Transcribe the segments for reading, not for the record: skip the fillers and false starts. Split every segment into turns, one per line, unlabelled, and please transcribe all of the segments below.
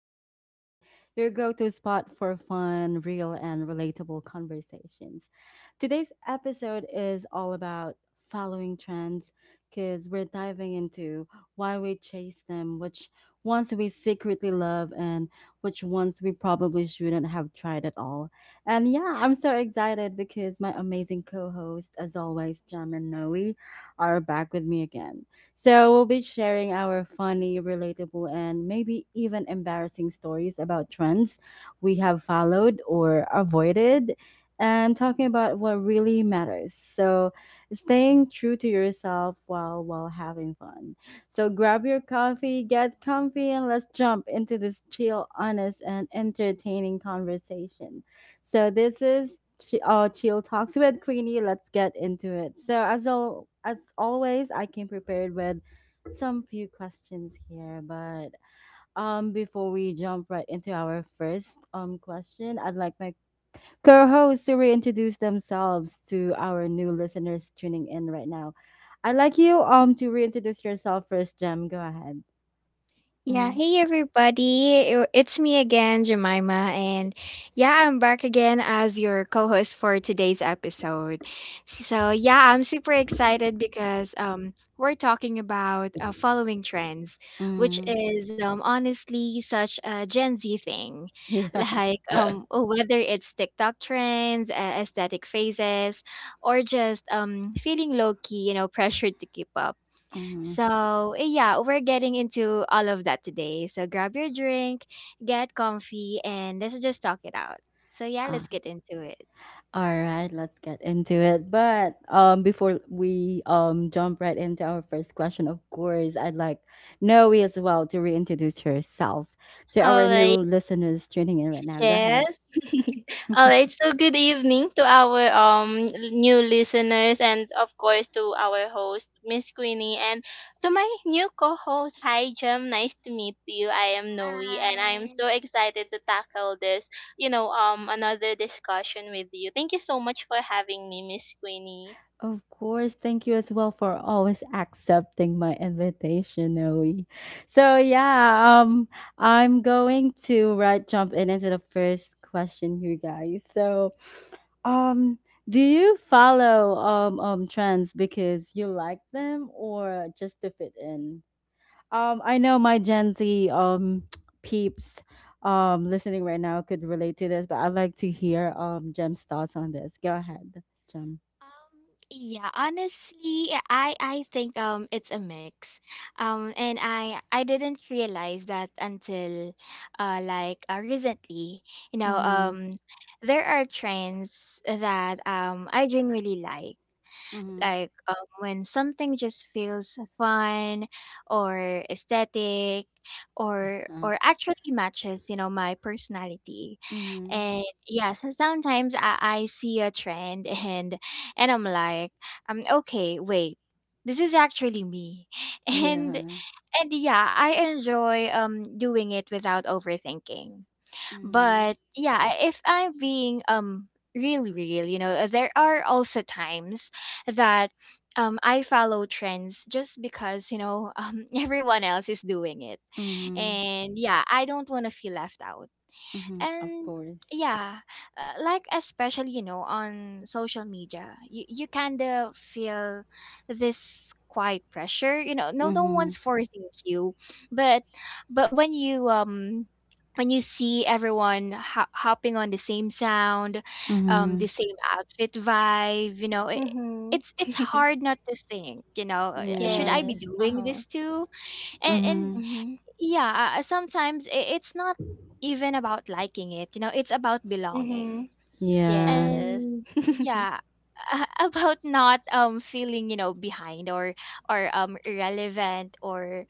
with Queenie, your go to spot for fun, real, and relatable conversations. Today's episode is all about following trends because we're diving into why we chase them, which ones we secretly love, and which ones we probably shouldn't have tried at all. And yeah, I'm so excited because my amazing co host, as always, Jam and Noe, are back with me again. So we'll be sharing our funny, relatable, and maybe even embarrassing stories about trends we have followed or avoided and talking about what really matters. So staying true to yourself while having fun. So grab your coffee, get comfy, and let's jump into this chill, honest, and entertaining conversation. So this is chill talks with Queenie. Let's get into it. So as always, I came prepared with some few questions here, but before we jump right into our first question, I'd like my co-hosts to reintroduce themselves to our new listeners tuning in right now. I'd like you to reintroduce yourself first, Jem. Go ahead.
Yeah,
Mm-hmm.
hey everybody. It's me again, Jemima, and yeah, I'm back again as your co-host for today's episode. So, yeah, I'm super excited because we're talking about following trends, which
Mm.
is honestly such a Gen Z thing.
Yeah.
Like whether it's TikTok trends, aesthetic phases, or just feeling low-key, you know, pressured to keep up
Mhm.
so, yeah, we're getting into all of that today. So, grab your drink, get comfy, and let's just talk it out. So, yeah, let's get into it.
All right, let's get into it. But before we jump right into our first question, of course, I'd like Noe as well to reintroduce herself to our
All
new
right.
listeners tuning in right now. Go ahead.
Yes. All right. So good evening to our new listeners, and of course to our host Miss Queenie, and to my new co-host. Hi Jem. Nice to meet you. I am Noe and I am
Hi.
so excited to tackle this. Another discussion with you. Thank you so much for having me, Miss Queenie.
Of course, thank you as well for always accepting my invitation, Noe. So yeah, I'm going to right jump in into the first question, you guys. So um, do you follow trends because you like them or just to fit in? I know my Gen Z peeps listening right now could relate to this, but I'd like to hear Jem's thoughts on this. Go ahead, Jem.
Um, yeah, honestly, yeah, I think it's a mix. And I didn't realize that until recently. You know,
Mm-hmm.
there are trends that I genuinely like. Like when something just feels fun or aesthetic
Yeah.
or actually matches you know my personality
Mhm.
and yes, sometimes I see a trend and I'm like okay wait, this is actually me and
Yeah.
and yeah, I enjoy doing it without overthinking.
Mhm.
But yeah, if I'm being really real, you know, there are also times that I follow trends just because, you know, everyone else is doing it.
Mhm.
And yeah, I don't want to feel left out
Mhm. Of
and
course.
yeah, like especially you know on social media you kind of feel this quiet pressure, you know, no
Mhm.
one's forcing you, but but when you see everyone hopping on the same sound, the
Mhm.
same outfit vibe, you know,
Mhm.
it's hard not to think, you know, should I
Yeah.
be
Yes. Uh
doing
huh.
this too, and
Mhm.
Mhm.
yeah, sometimes it's not even about liking it, you know, it's about belonging.
Mhm.
Yeah.
Yes.
And yeah, about not feeling, you know, behind or irrelevant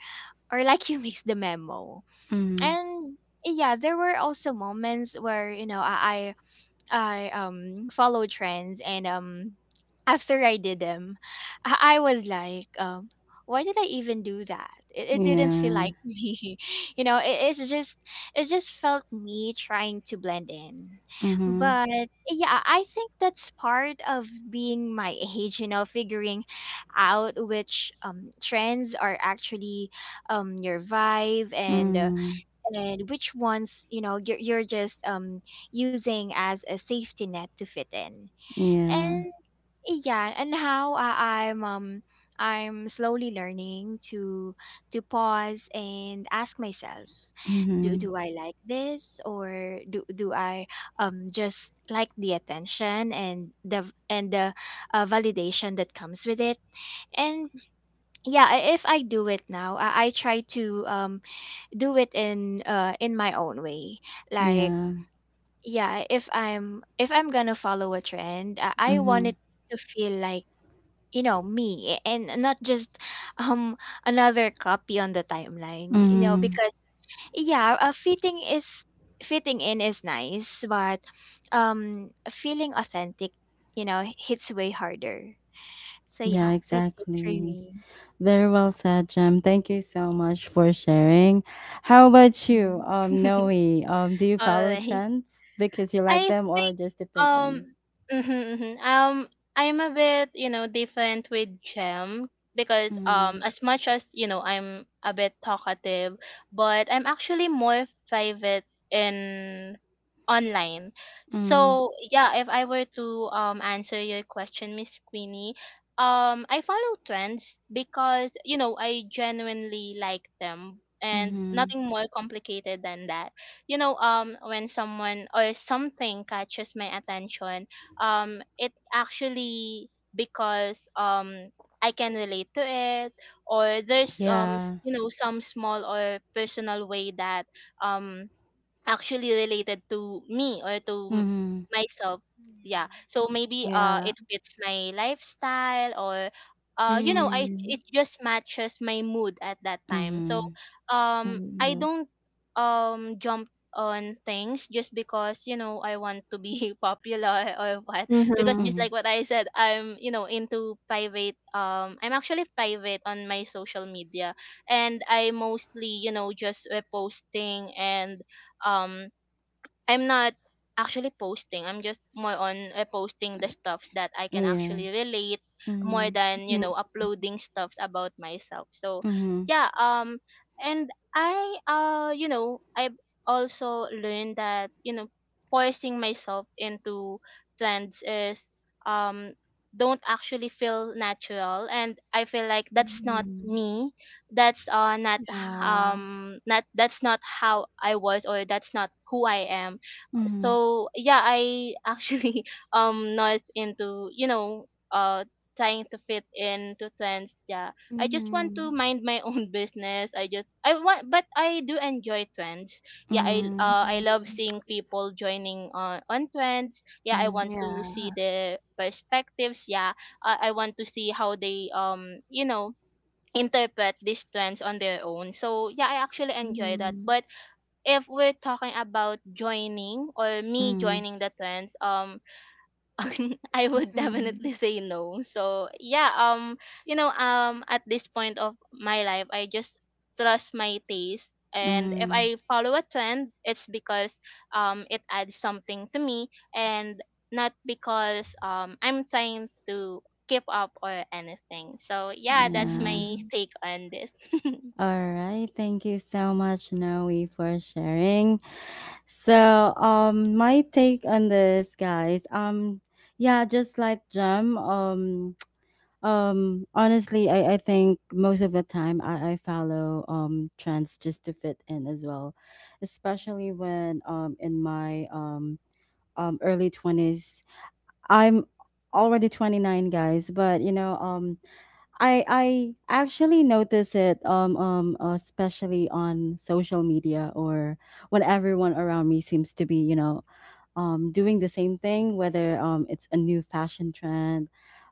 or like you missed the memo.
Mhm.
And yeah, there were also moments where, you know, I follow trends and after I did them, I was like, why did I even do that? It didn't feel
Yeah.
like me. You know, it's just it just felt me trying to blend in.
Mhm.
But yeah, I think that's part of being my age, you know, figuring out which trends are actually your vibe
Mhm.
and which ones you know you're just using as a safety net to fit in,
Yeah.
and yeah, and how I'm slowly learning to pause and ask myself,
Mhm.
do I like this or do I just like the attention and the validation that comes with it, and yeah, if I do it now I try to do it in my own way, like
Yeah.
yeah, if I'm gonna follow a trend I want
Mhm.
it to feel like, you know, me and not just um another copy on the timeline, you know,
Mhm.
because yeah, fitting in is nice but feeling authentic, you know, hits way harder. So
Yeah,
yeah, that's it for
exactly.
me.
Very well said, Jem. Thank you so much for sharing. How about you,
Mm.
Noe? Do you
All
follow
right.
trends because you like
I
them or
think
just to fit
um
in?
mhm, mhm. um I'm a bit, you know, different with Gem because, as much as you know, I'm a bit talkative, but I'm actually more private in online.
Mhm,
So yeah, if I were to answer your question, Miss Queenie, I follow trends because, you know, I genuinely like them and
mhm.
nothing more complicated than that. You know, when someone or something catches my attention, it actually because I can relate to it, or
Mhm.
there's
Yeah.
you know, some small or personal way that um actually related to me, or to m-
Mhm,
myself. Yeah,
Mhm.
so maybe
Yeah.
it fits my lifestyle, or you know, I it
Mm-hmm.
just matches my mood at that time. So
mhm,
um i
Mm-hmm.
don't um jump on things just because, you know, I want to be popular or what, because
Mhm.
just
mhm.
like what I said, I'm, you know, into private, I'm actually private on my social media, and I mostly, you know, just reposting, and um I'm not actually posting. I'm just more on posting the stuffs that I can
Yeah.
actually relate more
Mhm,
than,
Mhm.
you know, uploading stuffs about myself. So,
mhm,
yeah, and I, you know, I've also learned that, you know, forcing myself into trends is um don't actually feel natural, and I feel like that's not
Mhm.
me. That's not,
Yeah.
that's not how I was, or that's not who I am.
mhm,
So yeah, I actually not into, you know, trying to fit into trends. Yeah, I just want to
Mhm.
mind my own business. I just I want, but I do enjoy trends. Yeah,
mhm,
I love
Mhm.
seeing people joining on trends. Yeah, I
mhm,
want to see
Yeah.
the perspectives. Yeah, I want to see how they you know, interpret these trends on their own. So yeah, I actually enjoy that.
Mhm.
But if we're talking about joining or me
mhm,
joining the trends, I would
Mhm.
definitely say no. So yeah, you know, at this point of my life, I just trust my taste, and if
mhm.
I follow a trend, it's because, it adds something to me, and not because, I'm trying to keep up or anything. So yeah, that's
Yeah.
my
Mhm.
take on this.
All right. Thank you so much, Noe, for sharing. So, my take on this, guys. Yeah, just like Jem. Honestly, I think most of the time I follow trends just to fit in as well, especially when in my early twenties. I'm already 29, guys, but you know I actually notice it especially on social media or when everyone around me seems to be, you know, doing the same thing, whether it's a new fashion trend,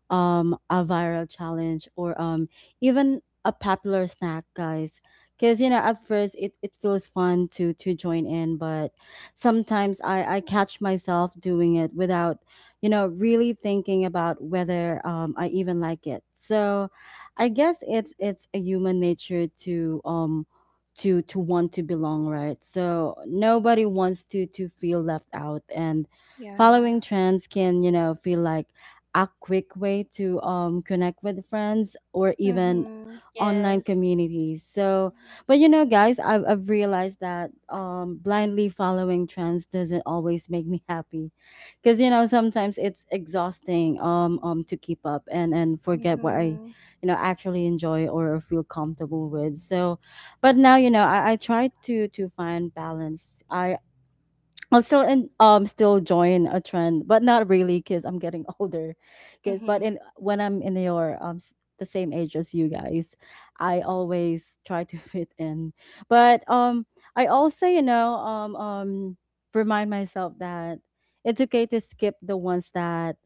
a viral challenge, or, even a popular snack, guys. Because you know, at first it feels fun to join in, but sometimes I catch myself doing it without, you know, really thinking about whether I even like it. So, I guess it's a human nature to to want to belong, right? So nobody wants to feel left out and
Yeah.
following trends can, you know, feel like a quick way to connect with friends or even
Mm-hmm.
online
Yes.
communities. So, but you know, guys, I've realized that blindly following trends doesn't always make me happy because, you know, sometimes it's exhausting to keep up and forget what I,
Mm-hmm.
you know, actually enjoy or feel comfortable with. So, but now, you know, I try to find balance. I'm still still join a trend, but not really because I'm getting older. Because but
Mhm.
in when I'm in your the same age as you guys, I
Mm-hmm.
always try to fit in. But I also, you know, remind myself that it's okay to skip the ones that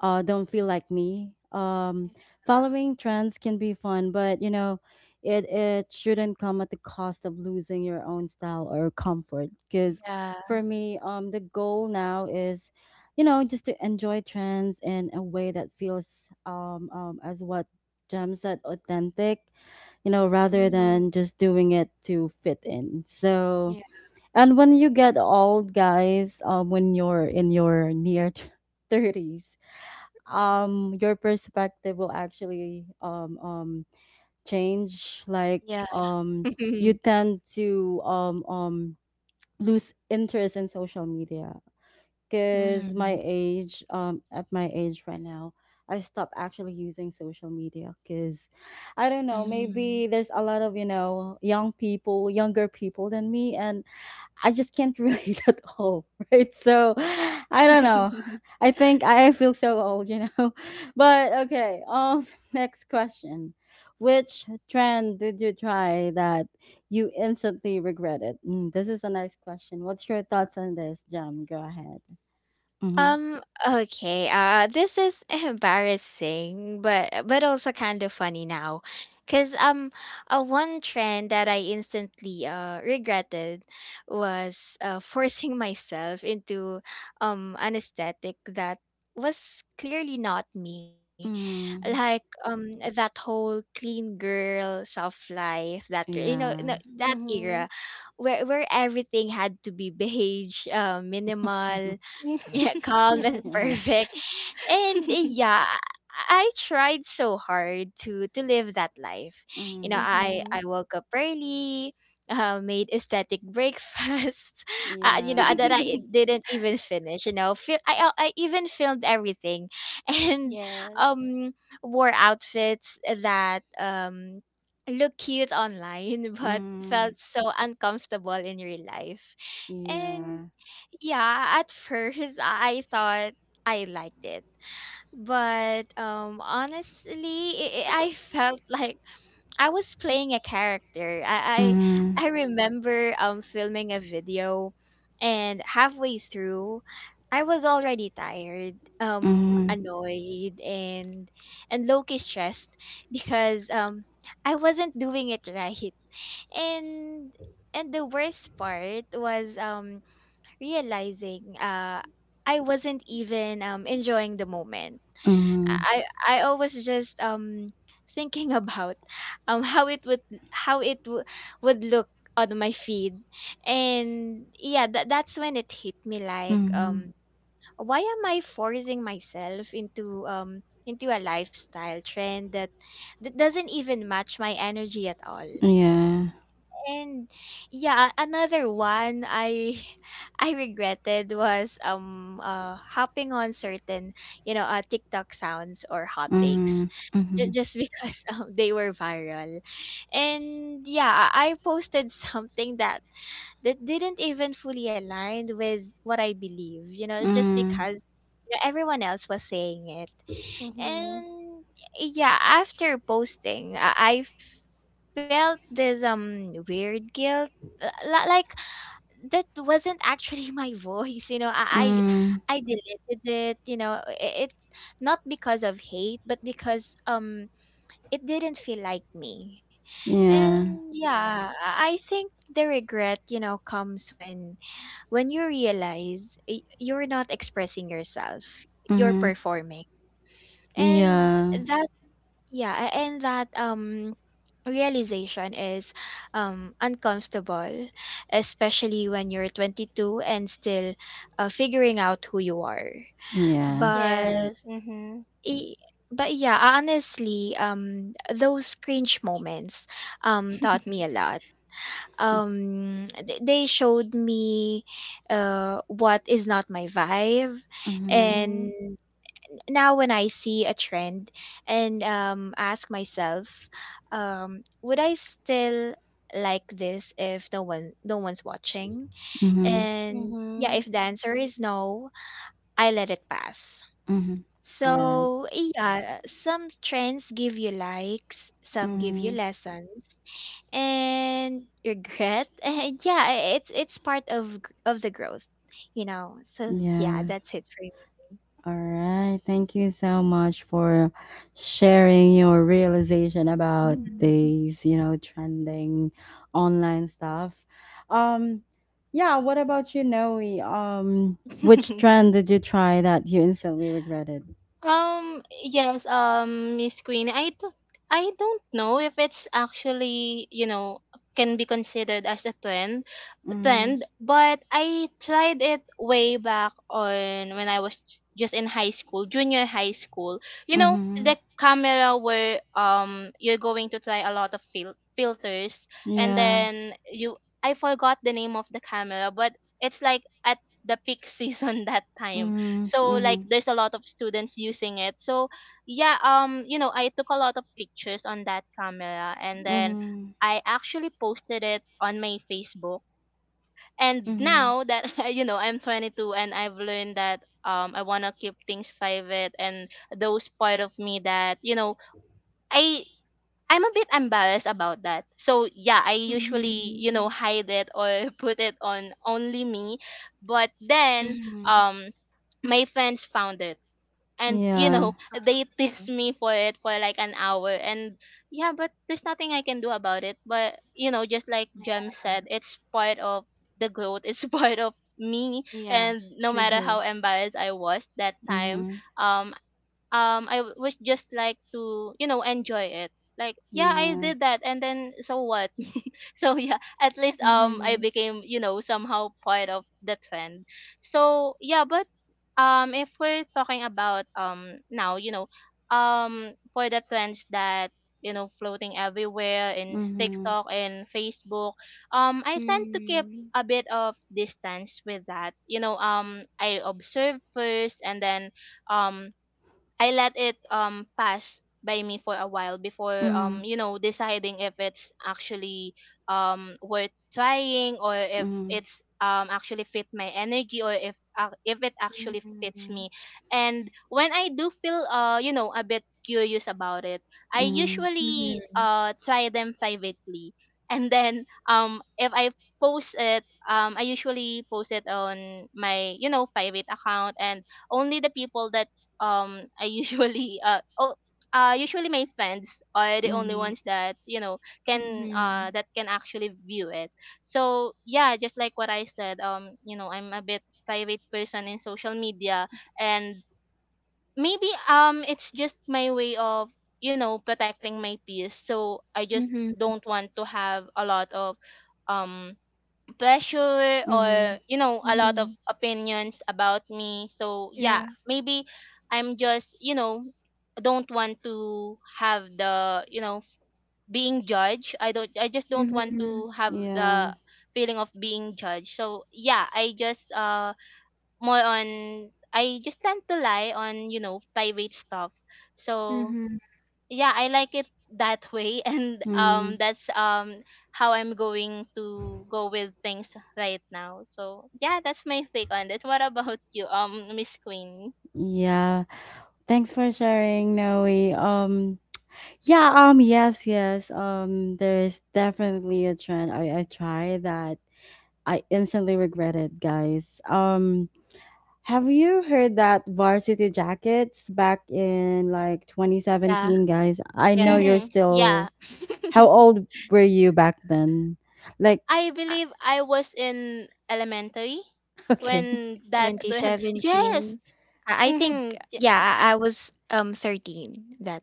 don't feel like me. Following trends can be fun, but you know, it shouldn't come at the cost of losing your own style or comfort. Because
Yeah. Yeah.
for me, the goal now is, you know, just to enjoy trends in a way that feels, as what Jem said, authentic. You know, rather
Mhm.
than just doing it to fit in. So.
Yeah.
And when you get old, guys, when you're in your near 30s,
Mm-hmm.
your perspective will actually change, like,
Yeah.
um you tend to lose interest in social media
Mhm.
because my
Mhm.
age, at my age right now, I stopped actually using social media because I don't know,
Mhm.
maybe there's a lot of, you know, young people, younger people than me, and I just can't relate at all, right? So I don't know. I think I feel so old, you know. But okay, next question. Which trend did you try that you instantly regretted? Mm, this is a nice question. What's your thoughts on this, Jam? Go ahead. Mhm.
Um, okay. This is embarrassing, but also kind of funny now. Cause one trend that I instantly regretted was forcing myself into an aesthetic that was clearly not me. Like
Mm.
that whole clean girl soft life that, you know,
Yeah.
no, that
Mm-hmm.
era where everything had to be beige, minimal, yeah, calm
Yes.
and
Yeah.
perfect. And yeah, I tried so hard to live that life. You know,
Mm.
Mhm.
I woke up early, made aesthetic breakfast. You know,
Yeah.
that I didn't even finish. You know, I even filmed everything, and
Yes.
um wore outfits that look cute online but
Mm.
felt so uncomfortable in real life. And
Yeah.
yeah, at first I thought I liked it. But honestly, I felt like I was playing a character.
Mm,
I remember filming a video and halfway through I was already tired,
mm,
annoyed and low-key stressed because I wasn't doing it right. And and the worst part was realizing I wasn't even enjoying the moment.
mm,
I always just thinking about how it would how it w- would look on my feed. And yeah, that that's when it hit me like,
mm,
why am I forcing myself into a lifestyle trend that that doesn't even match my energy at all.
yeah.
And yeah, another one I I regretted was hopping on certain, you know, TikTok sounds or hot takes,
Mhm. Mhm.
just because they were viral, and yeah, I posted something that that didn't even fully align with what I believe, you know, just
Mm.
because you know, everyone else was saying it.
Mhm.
And yeah, after posting, I felt this weird guilt, like that wasn't actually my voice. You know,
Mm.
I deleted it. You know, it's not because of hate, but because it didn't feel like me.
Yeah.
And yeah, I think the regret, you know, comes when you realize you're not expressing yourself. You're
Mhm.
performing and
Yeah.
that yeah, and that realization is uncomfortable, especially when you're 22 and still figuring out who you are.
Yeah.
But
Yes. Mhm.
i- but yeah, honestly, those cringe moments taught me a lot. They showed me what is not my vibe,
Mhm.
Mhm.
and now when I see a trend and ask myself, would I still like this if one no one's watching?
Mhm.
And yeah,
Mhm.
if the answer is no, I let it pass.
Mhm. All right.
So yeah, some trends give you likes, some give you
Mhm.
lessons and regret. And yeah, it's part of of the growth, you know. So yeah,
Yeah.
that's it for me.
All right. Thank you so much for sharing your realization about
Mm.
these, you know, trending online stuff. Um, yeah, what about you, Noe? Um, which
Mhm.
trend did you try that you instantly regretted?
Yes, Miss Queenie, I don't know if it's actually, you know, can be considered as a
Mm.
trend, but I tried it way back on when I was just in high school, junior high school. You know,
Mhm.
the camera where you're going to try a lot of filters, and
Yeah.
then you, I forgot the name of the camera, but it's like at the peak season that time,
Mhm.
so like
Mhm.
there's a lot of students using it. So yeah, you know, I took a lot of pictures on that camera, and then
Mhm.
I actually posted it on my Facebook. And
Mhm.
now that you know, I'm 22, and I've learned that I want to keep things private, and those part of me that, you know, i I'm a bit embarrassed about that. So yeah, I usually, you
Hmm.
know, hide it, or put it on only me. But then
Mm-hmm.
um my friends found it, and you
Yeah.
know, they teased me for it for like an hour. And yeah, but there's nothing I can do about it, but you know, just like Jem said, it's part of the growth. It's part of me,
Yeah,
and no matter
true.
how embarrassed I was that time,
Mhm.
um was just like to, you know, enjoy it. Like yeah, I
Yeah.
did that, and then so what? So yeah, at least I
Mhm.
became, you know, somehow part of the trend. So yeah, but if we're talking about now, you know, for the trends that you know floating everywhere in
Mhm.
TikTok and Facebook, I tend to keep
Mm.
a bit of distance with that. You know, I observe first, and then um I let it pass by me for a while before,
Mhm.
you know, deciding if it's actually worth trying, or if
Mhm.
it's actually fit my energy, or if it actually fits
Mhm.
me. And when I do feel, you know, a bit curious about it, I
Mhm.
usually
Mhm.
try them privately, and then if I post it, I usually post it on my, you know, private account, and only the people that I usually uh oh usually my friends are the only
Mhm.
ones that, you know, can
Mhm.
that can actually view it. So yeah, just like what I said, you know, I'm a bit private person in social media. And maybe it's just my way of, you know, protecting my peace. So I just
Mhm.
don't want to have a lot of um pressure, or
Mhm.
you know, a lot of
Mhm.
opinions about me. So yeah,
Yeah.
maybe I'm just, you know, don't want to have the, you know, being judged. I just don't want to
Mhm.
have the
Yeah.
feeling of being judged. So yeah, I just more on, I just tend to lie on, you know, private stuff. So
Mhm.
yeah, I like it that way. And
Mm.
that's how I'm going to go with things right now. So yeah, that's my take on it. What about you, Miss Queen?
Yeah. Thanks for sharing, Noe. Yeah. Yes. Yes. There's definitely a trend I tried that I instantly regret it, guys. Have you heard that Varsity Jackets back in like
Yeah,
2017, guys? I
yeah.
know you're
Mm,
still.
yeah.
How old were you back then? Like,
I
Uh,
believe I was in elementary
okay.
when that went. Yes.
2017. I think
Mm-hmm.
yeah, I was 13 that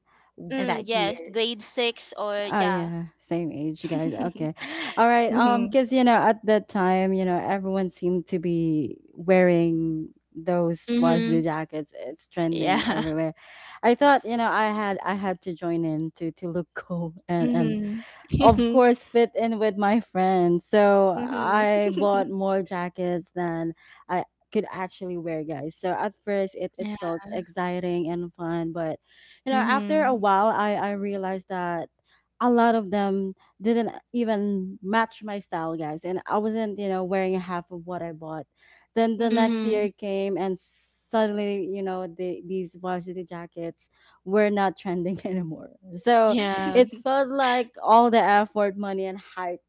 Mm,
that
yes,
year.
grade six. Or
Oh
yeah.
yeah, same age, you guys. Okay, all right.
Mhm.
Because you know at that time, you know everyone seemed to be wearing those
Mhm.
varsity jackets. It's trending
Yeah.
everywhere. I thought, you know, I had to join in to look cool and
Mhm.
of course fit in with my friends. So
Mhm.
I bought more jackets than I could actually wear, guys. So at first it
Yeah.
felt exciting and fun, but you know, after a
Mhm.
while I realized that a lot of them didn't even match my style, guys. And I wasn't, you know, wearing half of what I bought. Then the next
Mhm.
Mhm.
year came and suddenly, you know, these varsity jackets were not trending anymore. So
Yeah.
it felt like all the effort, money, and hype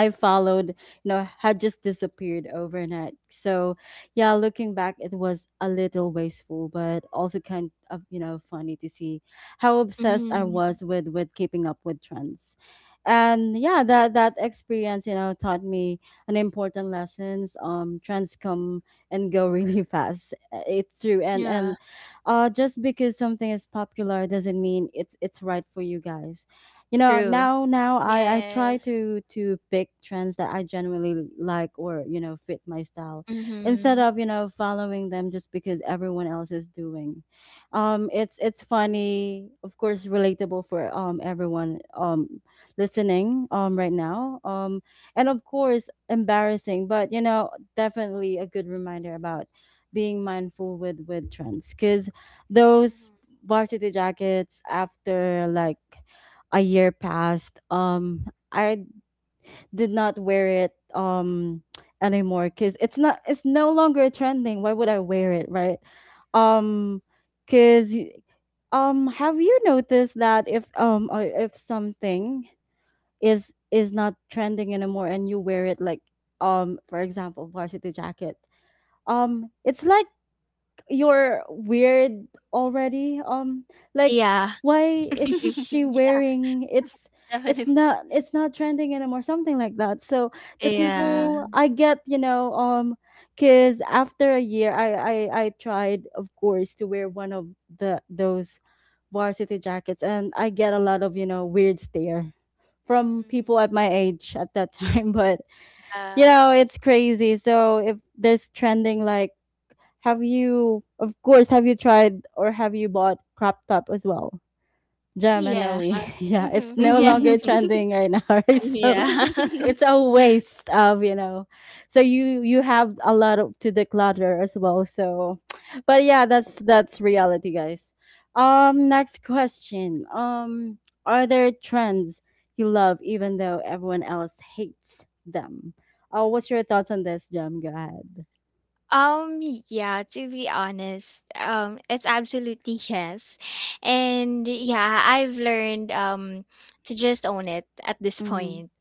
I followed, you know, had just disappeared overnight. So, yeah, looking back, it was a little wasteful, but also kind of, you know, funny to see how obsessed I
Mhm.
was with keeping up with trends. And yeah, that experience, you know, taught me an important lessons. Trends come and go really fast. It's true,
Yeah.
and just because something is popular doesn't mean it's right for you guys. You know,
True.
now now I try
Yes.
to pick trends that I genuinely like or, you know, fit my style, instead
Mhm.
of, you know, following them just because everyone else is doing. It's funny, of course relatable for everyone listening right now, and of course embarrassing, but you know, definitely a good reminder about being mindful with trends because those varsity jackets after like a year passed, I did not wear it anymore because it's no longer trending. Why would I wear it, right? um because have you noticed that if something is not trending anymore and you wear it, like, for example varsity jacket, it's like you're weird already, like,
Yeah.
why is
Mhm.
she
Yeah,
wearing
definitely.
it's not trending anymore, something like that. So the
Yeah.
Mhm.
people I get, you know, because after a year I tried, of course, to wear one of the those varsity jackets and I get a lot of, you know, weird stare from
Mhm.
people at my age at that time, but you
Uh,
know it's crazy. So if there's trending, like, have you, of course, have you tried or have you bought crop top as well?
yeah.
Yes.
Gemini, yeah, it's
Mhm.
no
Yes.
longer trending right now, right? So
Yeah.
it's a waste of, you know. So you have a lot of, to declutter as well. So, but yeah, that's reality, guys. Next question. Are there trends you love even though everyone else hates them? What's your thoughts on this, Jem? Go ahead.
Um, yeah, to be honest, it's absolutely yes. And yeah, I've learned to just own it at this
Mm-hmm.
point.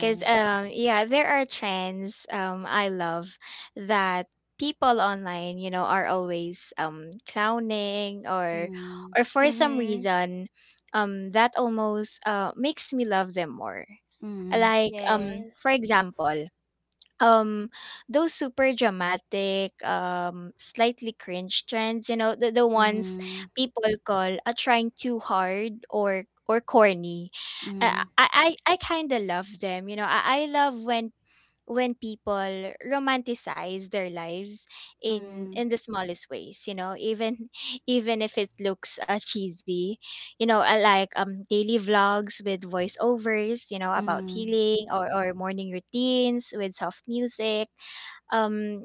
Cause yeah, there are trends I love that people online, you know, are always clowning
Mm,
or for some
Mhm.
reason that almost makes me love them more.
mm,
Like for
Yes.
example, um those super dramatic slightly cringe trends, you know, the ones
mhm,
people call trying too hard or corny. Uh,
mhm,
I kind of love them, you know. I love when people romanticize their lives
mhm,
in the smallest ways, you know, even even if it looks cheesy, you know, like daily vlogs with voiceovers, you know, about
mm,
healing or morning routines with soft music, um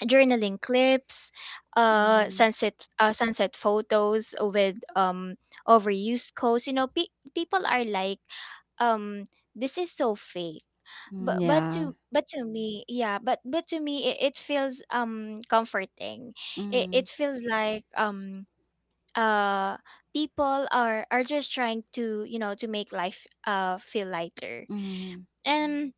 journaling clips, uh
mm,
sunset sunset photos with overused quotes, you know, people are like, um this is so fake,
mm, yeah.
but to me, yeah, but to me, it feels comforting.
Mm,
It feels like uh people are just trying to, you know, to make life feel lighter.
mhm,
And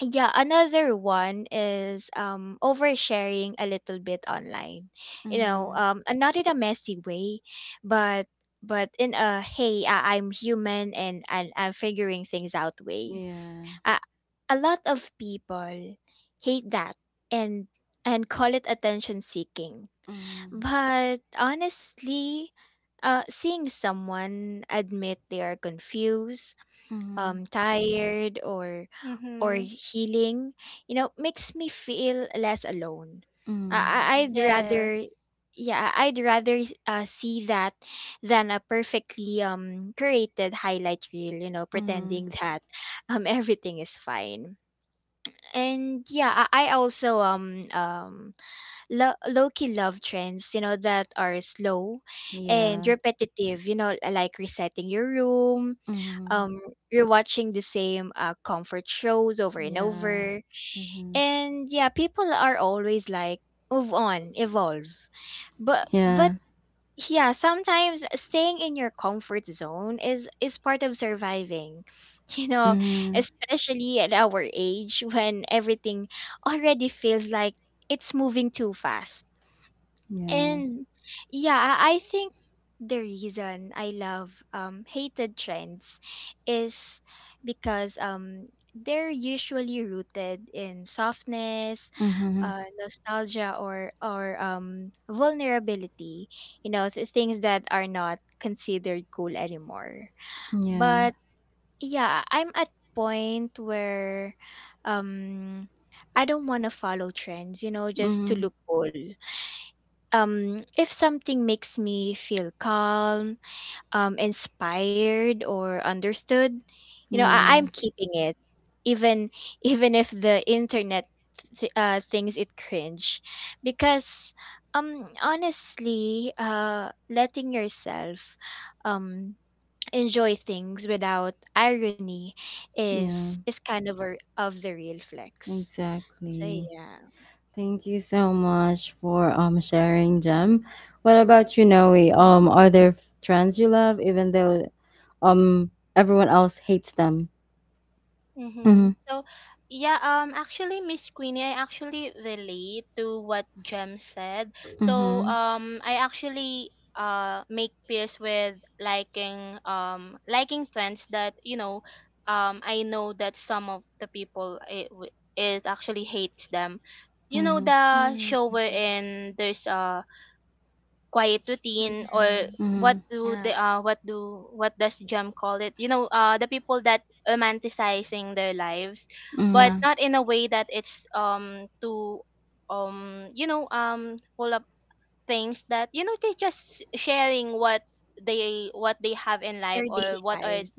yeah, another one is oversharing a little bit online, you know,
mhm,
and not in a messy way, but but in a, hey, I, I'm human and I'm figuring things out way.
yeah.
a, a lot of people hate that and and call it attention seeking.
Mm,
But honestly, seeing someone admit they are confused,
mhm,
tired, or
Mhm.
healing, you know, makes me feel less alone.
mm,
I'd rather,
Yes.
yeah, I- I'd rather see that than a perfectly created highlight reel, you know, pretending
mhm,
that everything is fine. And yeah, I also low-key love trends, you know, that are slow and
yeah.
repetitive, you know, like resetting your room,
Mhm,
um you're watching the same comfort shows over and
yeah.
over,
Mhm,
and yeah, people are always like, move on, evolve, but
yeah.
yeah, sometimes staying in your comfort zone is part of surviving you know,
Mhm,
especially at our age when everything already feels like it's moving too fast.
yeah.
And yeah, I think the reason I love hated trends is because they're usually rooted in softness,
Mhm,
nostalgia or vulnerability, you know, things that are not considered cool anymore.
yeah.
But yeah, I'm at point where um I don't want to follow trends, just to
Mhm,
look cool. If something makes me feel calm, inspired, or understood,
yeah.
I'm keeping it, even even if the internet thinks it cringe, because honestly, letting yourself um enjoy things without irony is
Yeah.
is kind of the real flex. So
Exactly.
yeah.
Thank you so much for sharing, Jem. What about you, Noe?
Mm-hmm.
Are there trends you love, even though um everyone else hates them?
Mm-hmm.
Mhm.
So, yeah, actually, Miss Queenie, I actually relate to what Jem said. So,
Mhm.
I actually make peace with liking liking trends that, you know, I know that some of the people it actually hates them. You know,
Mhm.
the
Mm-hmm.
show wherein there's quiet routine, or
Mm-hmm.
Mhm.
what do
Yeah.
the what do, what does Jam call it? You know, the people that romanticizing their lives, but
Yeah,
Mhm.
not in a way that it's too you know, full of things, that you know they just sharing what they have in
their
life, or
daily
what are.
lives.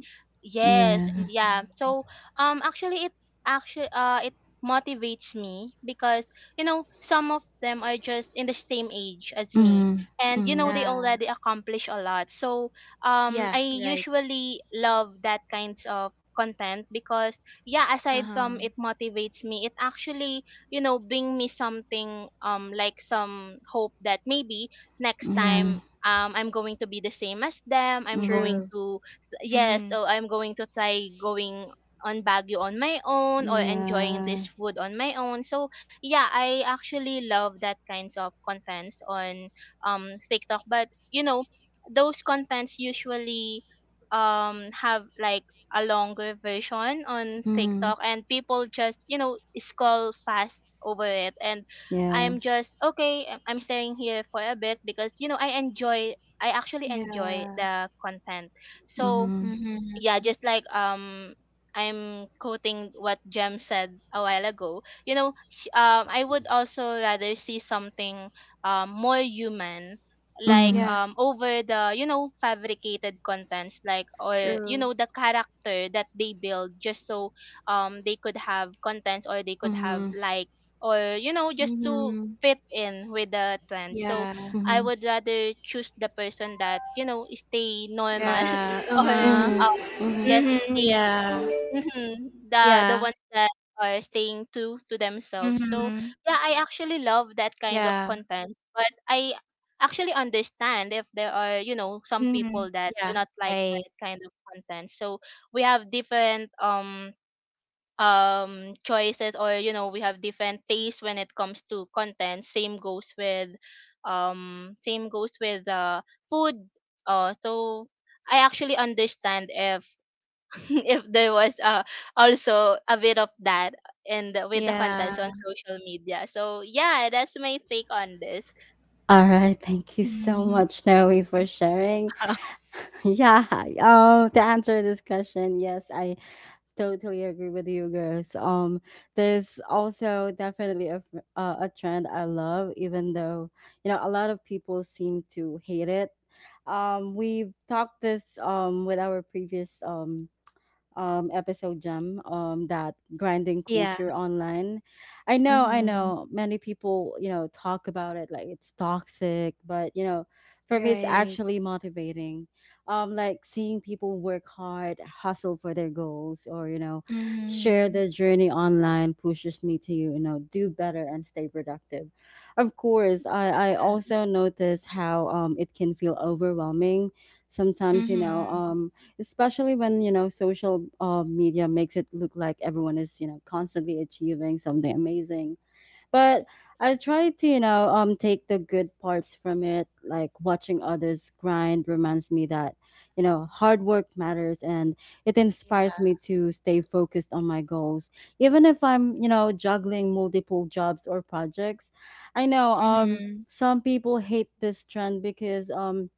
Yes,
Yeah.
yeah.
Mhm.
So um actually it actually it motivates me, because you know, some of them are just in the same age as me,
Mhm.
and you know, they
Mhm.
Yeah.
already accomplish a lot. So
Yeah,
I
right.
usually love that kinds of content, because yeah, aside
Uh-huh.
from it motivates me, it actually, you know, bring me something, like some hope that maybe next
Yeah,
time,
Mhm.
I'm going to be the same as them. I'm going
Mhm.
true.
to, yes,
Mm-hmm.
oh, I'm going to try going on Baguio on my own, or enjoying
Yeah.
this food on my own. So yeah, I actually love that kinds of contents on TikTok. But you know, those contents usually have like a longer version on
Mhm.
TikTok, and people just, you know, scroll fast over it. And
Yeah.
I'm just, okay, I'm staying here for a bit, because, you know, I enjoy, I actually enjoy
Yeah.
the content. So
Mhm.
Mm-hmm.
yeah, just like I'm quoting what Jem said a while ago, you know, I would also rather see something more human, like
Mhm.
Yeah,
over the, you know, fabricated contents, like, or you
true.
know, the character that they build just so they could have contents, or they could have
Mhm.
like, or you know, just to
Mm-hmm.
fit in with the trend. So
Yeah.
I
Mhm.
would rather choose the person that, you know, stay normal,
Yeah.
or
Uh-huh.
Mhm. Mhm.
just
Mm-hmm.
stay,
Yeah.
mhm, the
Yeah.
ones that are staying to themselves. So
Mm-hmm.
yeah, I actually love that kind of
Yeah.
content, but I actually understand if there are, you know, some
Mm-hmm.
people that
Yeah.
do not like
Right.
that kind of content. So we have different choices, or you know, we have different tastes when it comes to content. Same goes with um same goes with uh food, so I actually understand if if there was also a bit of that and with the
Yeah.
contents on social media. So yeah, that's my take on this.
All right, thank you so
Mm-hmm.
much, Noe, for sharing. Yeah. To answer this question, yes, I totally agree with you girls. There's also definitely a a trend I love, even though you know a lot of people seem to hate it. We've talked this with our previous episode, Gem, that grinding
Yeah.
culture online. I
Mm-hmm.
know, many people, you know, talk about it like it's toxic, but you know, for me, it's
Right.
actually motivating. Like seeing people work hard, hustle for their goals, or you know, share
Mm-hmm.
their journey online pushes me to, you know, do better and stay productive. Of course, I
Yeah.
also notice how it can feel overwhelming sometimes. You know,
Mm-hmm.
especially when, you know, social media makes it look like everyone is, you know, constantly achieving something amazing, but I try to, you know, take the good parts from it. Like watching others grind reminds me that, you know, hard work matters, and it inspires me
Yeah.
to stay focused on my goals, even if I'm, you know, juggling multiple jobs or projects. I know,
Mm-hmm.
some people hate this trend because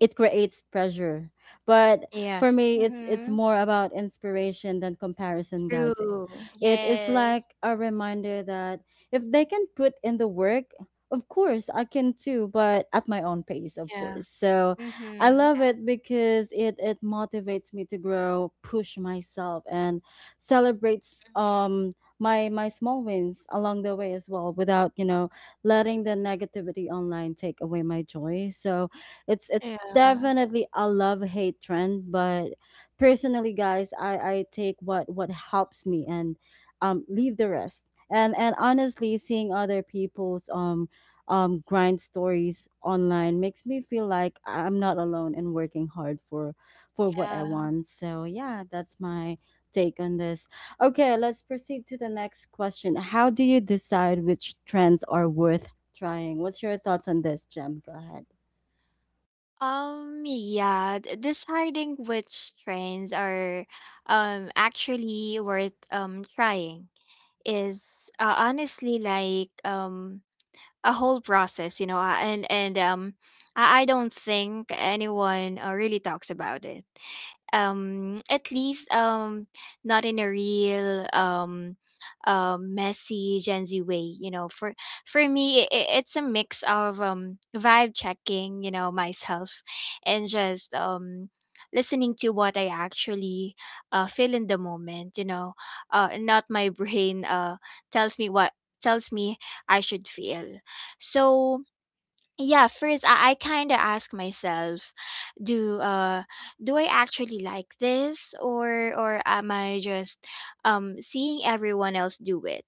it creates pressure, but
Yeah.
for me, it's
Mm-hmm.
more about inspiration than comparison, guys.
True.
It is
Yes.
like a reminder that if they can put in the work, of course I can too, but at my own pace, of
Yeah.
course. So I
Mm-hmm.
Yeah.
love it because it motivates me to grow, push myself, and celebrates
Mm-hmm.
my small wins along the way as well, without, you know, letting the negativity online take away my joy. So it's
Yeah.
definitely a love hate trend, but personally, guys, I take what helps me and leave the rest. And honestly, seeing other people's grind stories online makes me feel like I'm not alone and working hard for what I
Yeah.
want. So yeah, that's my take on this. Okay, let's proceed to the next question. How do you decide which trends are worth trying? What's your thoughts on this, Jem? Go ahead.
Deciding which trains are actually worth trying is honestly like a whole process, I don't think anyone really talks about it. At least not in a real messy Gen Z way, you know for me I- it's a mix of vibe checking, you know, myself and just listening to what I actually feel in the moment, you know, not my brain. Tells me what Tells me I should feel. So yeah, I kind of ask myself, do uh do I actually like this, or am I just seeing everyone else do it?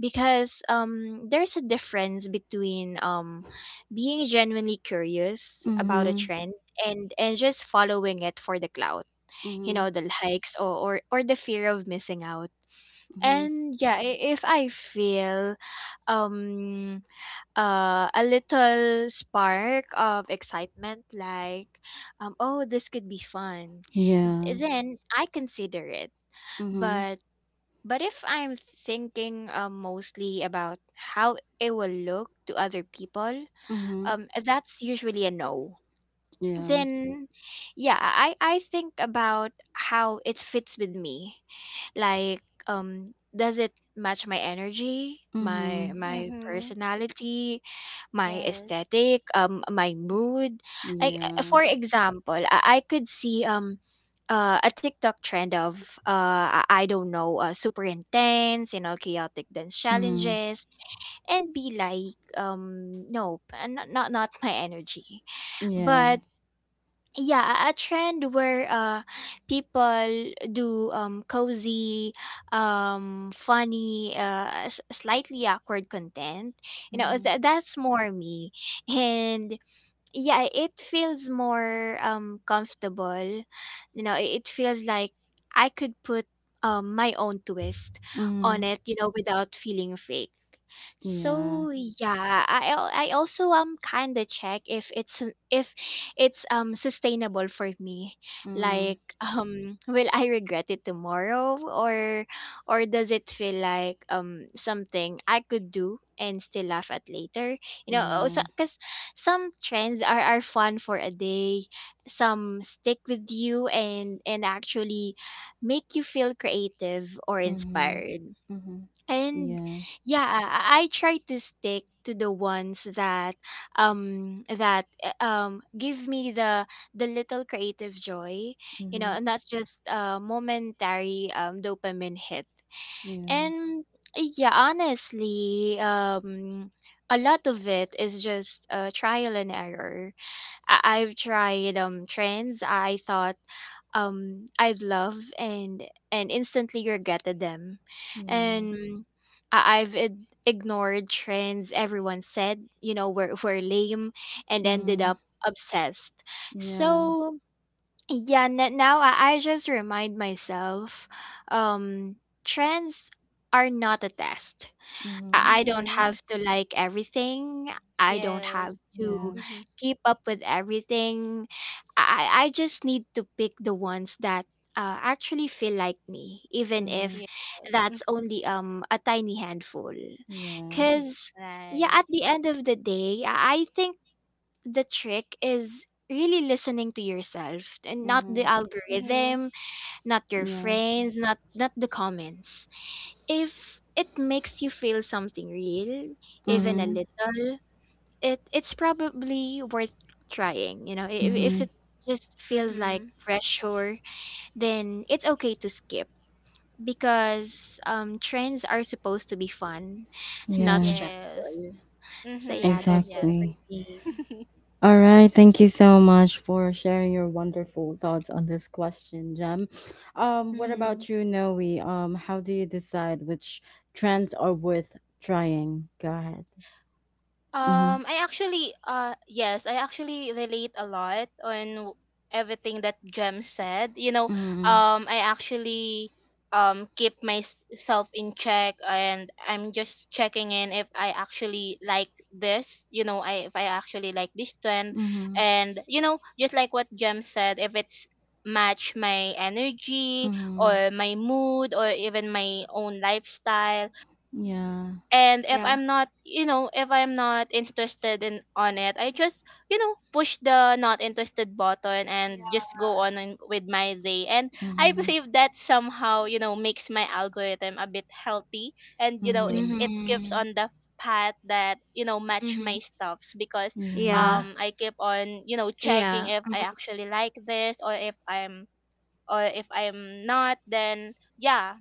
Because there's a difference between being genuinely curious about a
Mm-hmm.
trend and just following it for the clout, you
Mhm.
know, the likes, or the fear of missing out.
Mhm.
And if I feel um a little spark of excitement like, oh, this could be fun,
Yeah.
then I consider it.
Mhm.
But if I'm thinking mostly about how it will look to other people,
Mhm.
that's usually a no.
Yeah.
Then yeah, I think about how it fits with me. Like, um does it match my energy, my
Mhm.
Mm-hmm.
personality, my
Yes.
aesthetic, my mood? Like, for
Yeah.
example, I could see a TikTok trend of I don't know, super intense, you know, chaotic dance
Mm.
challenges, and be like, nope, not my energy. But
Yeah.
yeah, a trend where people do cozy, funny, slightly awkward content, you know,
Mhm.
that that's more me. And yeah, it feels more comfortable, you know, it feels like I could put my own twist on it, you know, without feeling fake.
Mhm. Yeah.
So yeah, I also kind of check if it's sustainable for me. Like
Mhm.
will I regret it tomorrow, or does it feel like something I could do and still laugh at later, you know?
Yeah.
Because some trends are fun for a day. Some stick with you and actually make you feel creative or
Mhm.
inspired.
Mhm.
And
Yeah.
yeah, I try to stick to the ones that give me the little creative joy, you know,
Mhm.
and not just momentary dopamine hit.
Yeah.
And yeah, honestly, a lot of it is just trial and error. I've tried trends I thought I'd love and instantly regretted them,
Yeah.
and I've ignored trends everyone said, you know, were lame, and ended
Mhm.
up obsessed.
Yeah.
So yeah, I just remind myself, um, trends are not a test.
Mhm.
I don't
Mm-hmm.
have to like everything. I don't have
Yes.
to
Yeah.
Mm-hmm.
keep up with everything. I, I just need to pick the ones that actually feel like me, even if
Mhm.
Yes.
that's only a tiny handful.
Yeah.
Mm-hmm.
Cause yeah, at
Right.
the end of the day, I think the trick is really listening to yourself and not the
Mhm.
Mm-hmm.
algorithm, not your
Yeah.
friends, not the comments. If it makes you feel something real, even a
Mhm.
little, it it's probably worth trying, you know. If
Mhm.
it just feels like
Mm-hmm.
pressure, then it's okay to skip, because trends are supposed to be fun, not
Yeah.
Yes.
stressful. So yeah, that's
Mm-hmm.
it for
Yes.
Exactly.
me.
All right, thank you so much for sharing your wonderful thoughts on this question, Jem.
Mhm.
What
Mm-hmm.
about you, Noe? How do you decide which trends are worth trying? Go ahead. Mm-hmm.
I actually, yes, I actually relate a lot on everything that Jem said.
Mm-hmm.
I actually keep myself in check, and I'm just checking in if I actually like this. You know, I if I actually like this trend,
Mm-hmm.
and you know, just like what Jem said, if it's match my energy
Mm-hmm.
or my mood or even my own lifestyle,
Yeah.
and if
Yeah.
I'm not, if I'm not interested in on it, I just push the not interested button and just go on and, with my day. And I
Mm-hmm.
believe that somehow makes my algorithm a bit healthy, and you know it,
Mm-hmm.
it keeps
Mhm.
on the path that match my
Mhm.
stuffs, because
Yeah.
Yeah.
I keep on checking
Yeah.
if
Mhm.
I actually like this, or if I'm, or if I'm not, then yeah.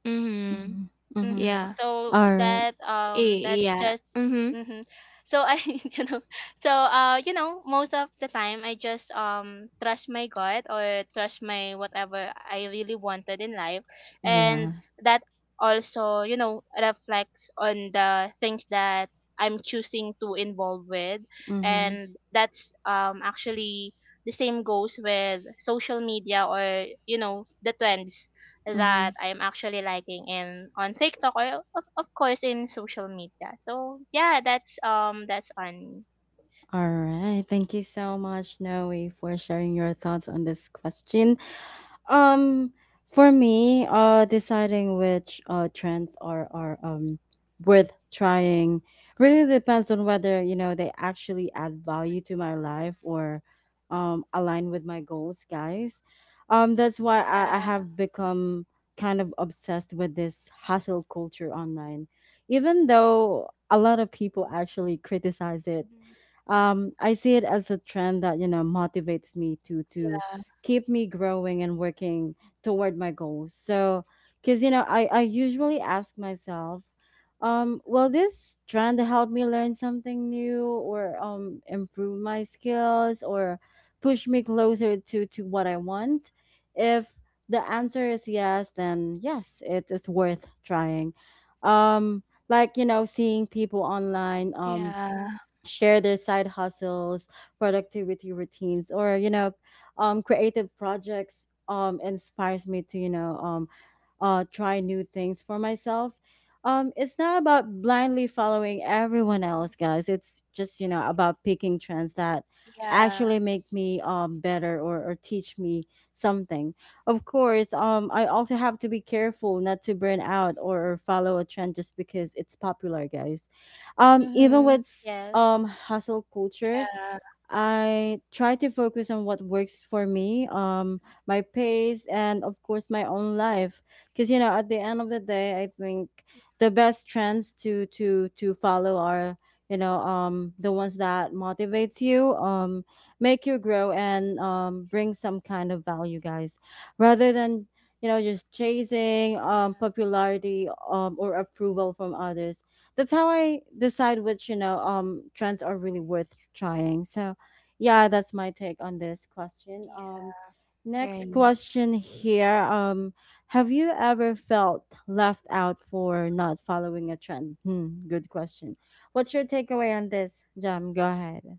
Mhm.
Mm-hmm. Mm-hmm.
Mm-hmm.
Yeah.
So
All right.
that
E-
that's
yeah.
just
Mhm.
mm-hmm. So I so you know most of the time I just trust my gut or trust my whatever I really wanted in life,
Yeah.
and that also reflects on the things that I'm choosing to involve with.
Mm-hmm.
And that's actually the same goes with social media, or the trends
Mm-hmm.
that I'm actually liking in on TikTok, or of course in social media. So yeah, that's on
All right, thank you so much, Noe, for sharing your thoughts on this question. Um, for me, deciding which trends are worth trying really depends on whether, you know, they actually add value to my life or align with my goals, guys. That's why I
Yeah.
have become kind of obsessed with this hustle culture online, even though a lot of people actually criticize it.
Mhm.
I see it as a trend that, you know, motivates me to
Yeah.
keep me growing and working toward my goals. So, because, you know, I usually ask myself, will this trend help me learn something new, or improve my skills, or push me closer to what I want? If the answer is yes, then yes, it is worth trying. Like, you know, seeing people online,
Yeah.
share their side hustles, productivity routines, or you know, creative projects, inspires me to, you know, try new things for myself. It's not about blindly following everyone else, guys. It's just, you know, about picking trends that
Yeah.
actually make me better, or teach me something. Of course, I also have to be careful not to burn out or follow a trend just because it's popular, guys. Even
hmm,
with
yes.
hustle culture,
Yeah.
I try to focus on what works for me, my pace, and of course my own life. Because, you know, at the end of the day, I think the best trends to follow are, you know, the ones that motivates you, make you grow, and bring some kind of value, guys, rather than, you know, just chasing popularity or approval from others. That's how I decide which, you know, trends are really worth trying. So yeah, that's my take on this question. Next
Right.
question here, have you ever felt left out for not following a trend? Hmm, good question. What's your takeaway on this, Jam? Go ahead.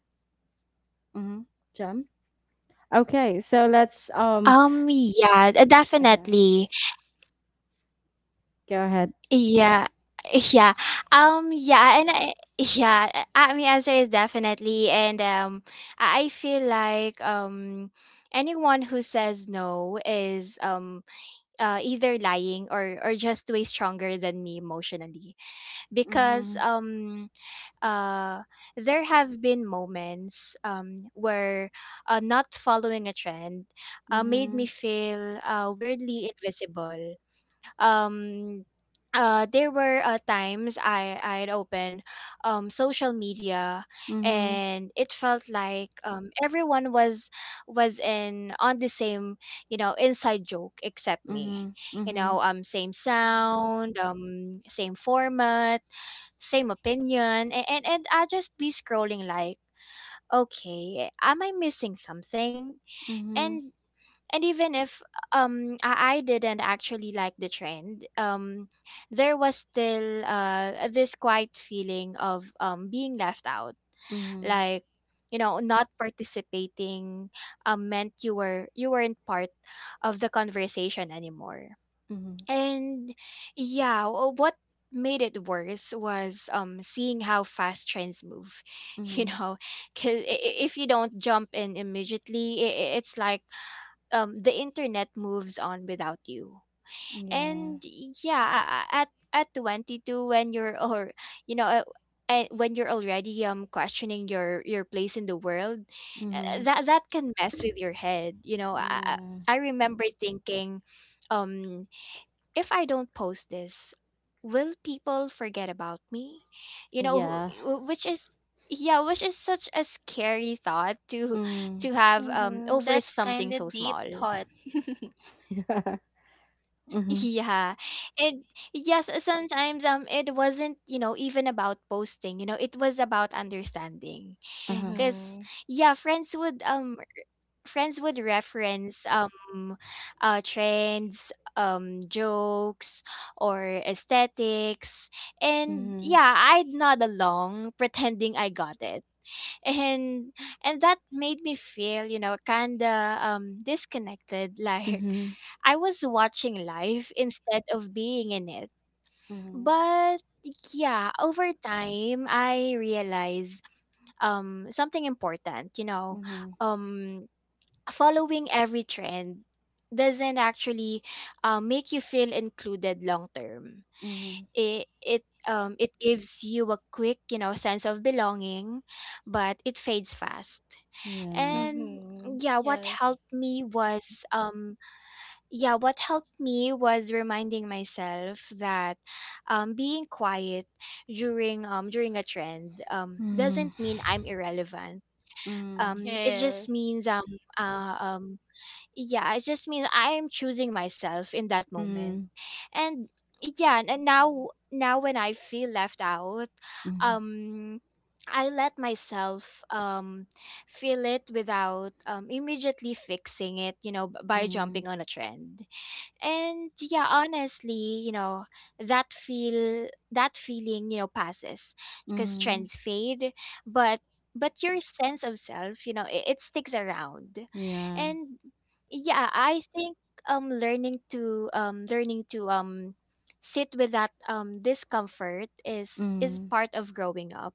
Mm-hmm. Jam. Okay, so let's
Yeah,
okay,
Definitely.
go ahead.
Yeah. Yeah. I mean, answer is definitely, and I feel like, anyone who says no is either lying or just way stronger than me emotionally, because
Mm-hmm,
uh there have been moments where, not following a trend, made
mm-hmm,
me feel weirdly invisible. um there were times I I'd open social media,
mm-hmm,
and it felt like, everyone was in on the same, you know, inside joke except me,
mm-hmm,
you
mm-hmm,
know, same sound, same format, same opinion, and and I just be scrolling like, okay, am I missing something?
mm-hmm,
and and even if I didn't actually like the trend, there was still this quiet feeling of being left out,
mm-hmm,
like, you know, not participating meant you were you weren't part of the conversation anymore.
mm-hmm,
And yeah, what made it worse was seeing how fast trends move, you
mm-hmm.
know, because if you don't jump in immediately, I- it's like the internet moves on without you.
Yeah.
And yeah, at 22 when you're or you know, when you're already questioning your place in the world,
Mm-hmm,
that that can mess with your head, you know.
yeah.
I remember thinking, um if I don't post this, will people forget about me, you know,
Yeah.
which is, yeah, which is such a scary thought
Mm.
to have
Mm-hmm.
over
That's
something
kind
so
of deep
small.
thought.
Mhm.
Yeah. And yes, sometimes it wasn't, you know, even about posting, you know, it was about understanding.
Uh-huh.
Cuz
Mm-hmm.
yeah, friends would reference trends, jokes or aesthetics. And
Mhm.
yeah, I'd nod along pretending I got it, and and that made me feel, you know, kind of disconnected, like
Mhm.
I was watching life instead of being in it.
Mhm.
But yeah, over time I realized something important, you know,
Mhm.
um following every trend doesn't actually, make you feel included long term.
Mhm.
It gives you a quick, you know, sense of belonging, but it fades fast.
Yeah.
And
Mm-hmm.
yeah,
Yes.
um yeah what helped me was reminding myself that, being quiet during a trend
Mhm.
doesn't mean I'm irrelevant.
Mhm.
It just
Yes.
means, uh, um yeah it just means I am choosing myself in that moment.
Mhm.
And yeah, and now now when I feel left out,
Mhm.
um I let myself feel it without immediately fixing it, you know, b- by jumping
Mhm.
on a trend. And yeah, honestly, you know, that feeling, you know, passes, because
Mhm.
trends fade, but your sense of self, you know, it sticks around.
Yeah.
And yeah, I think learning to sit with that discomfort is
Mhm.
part of growing up,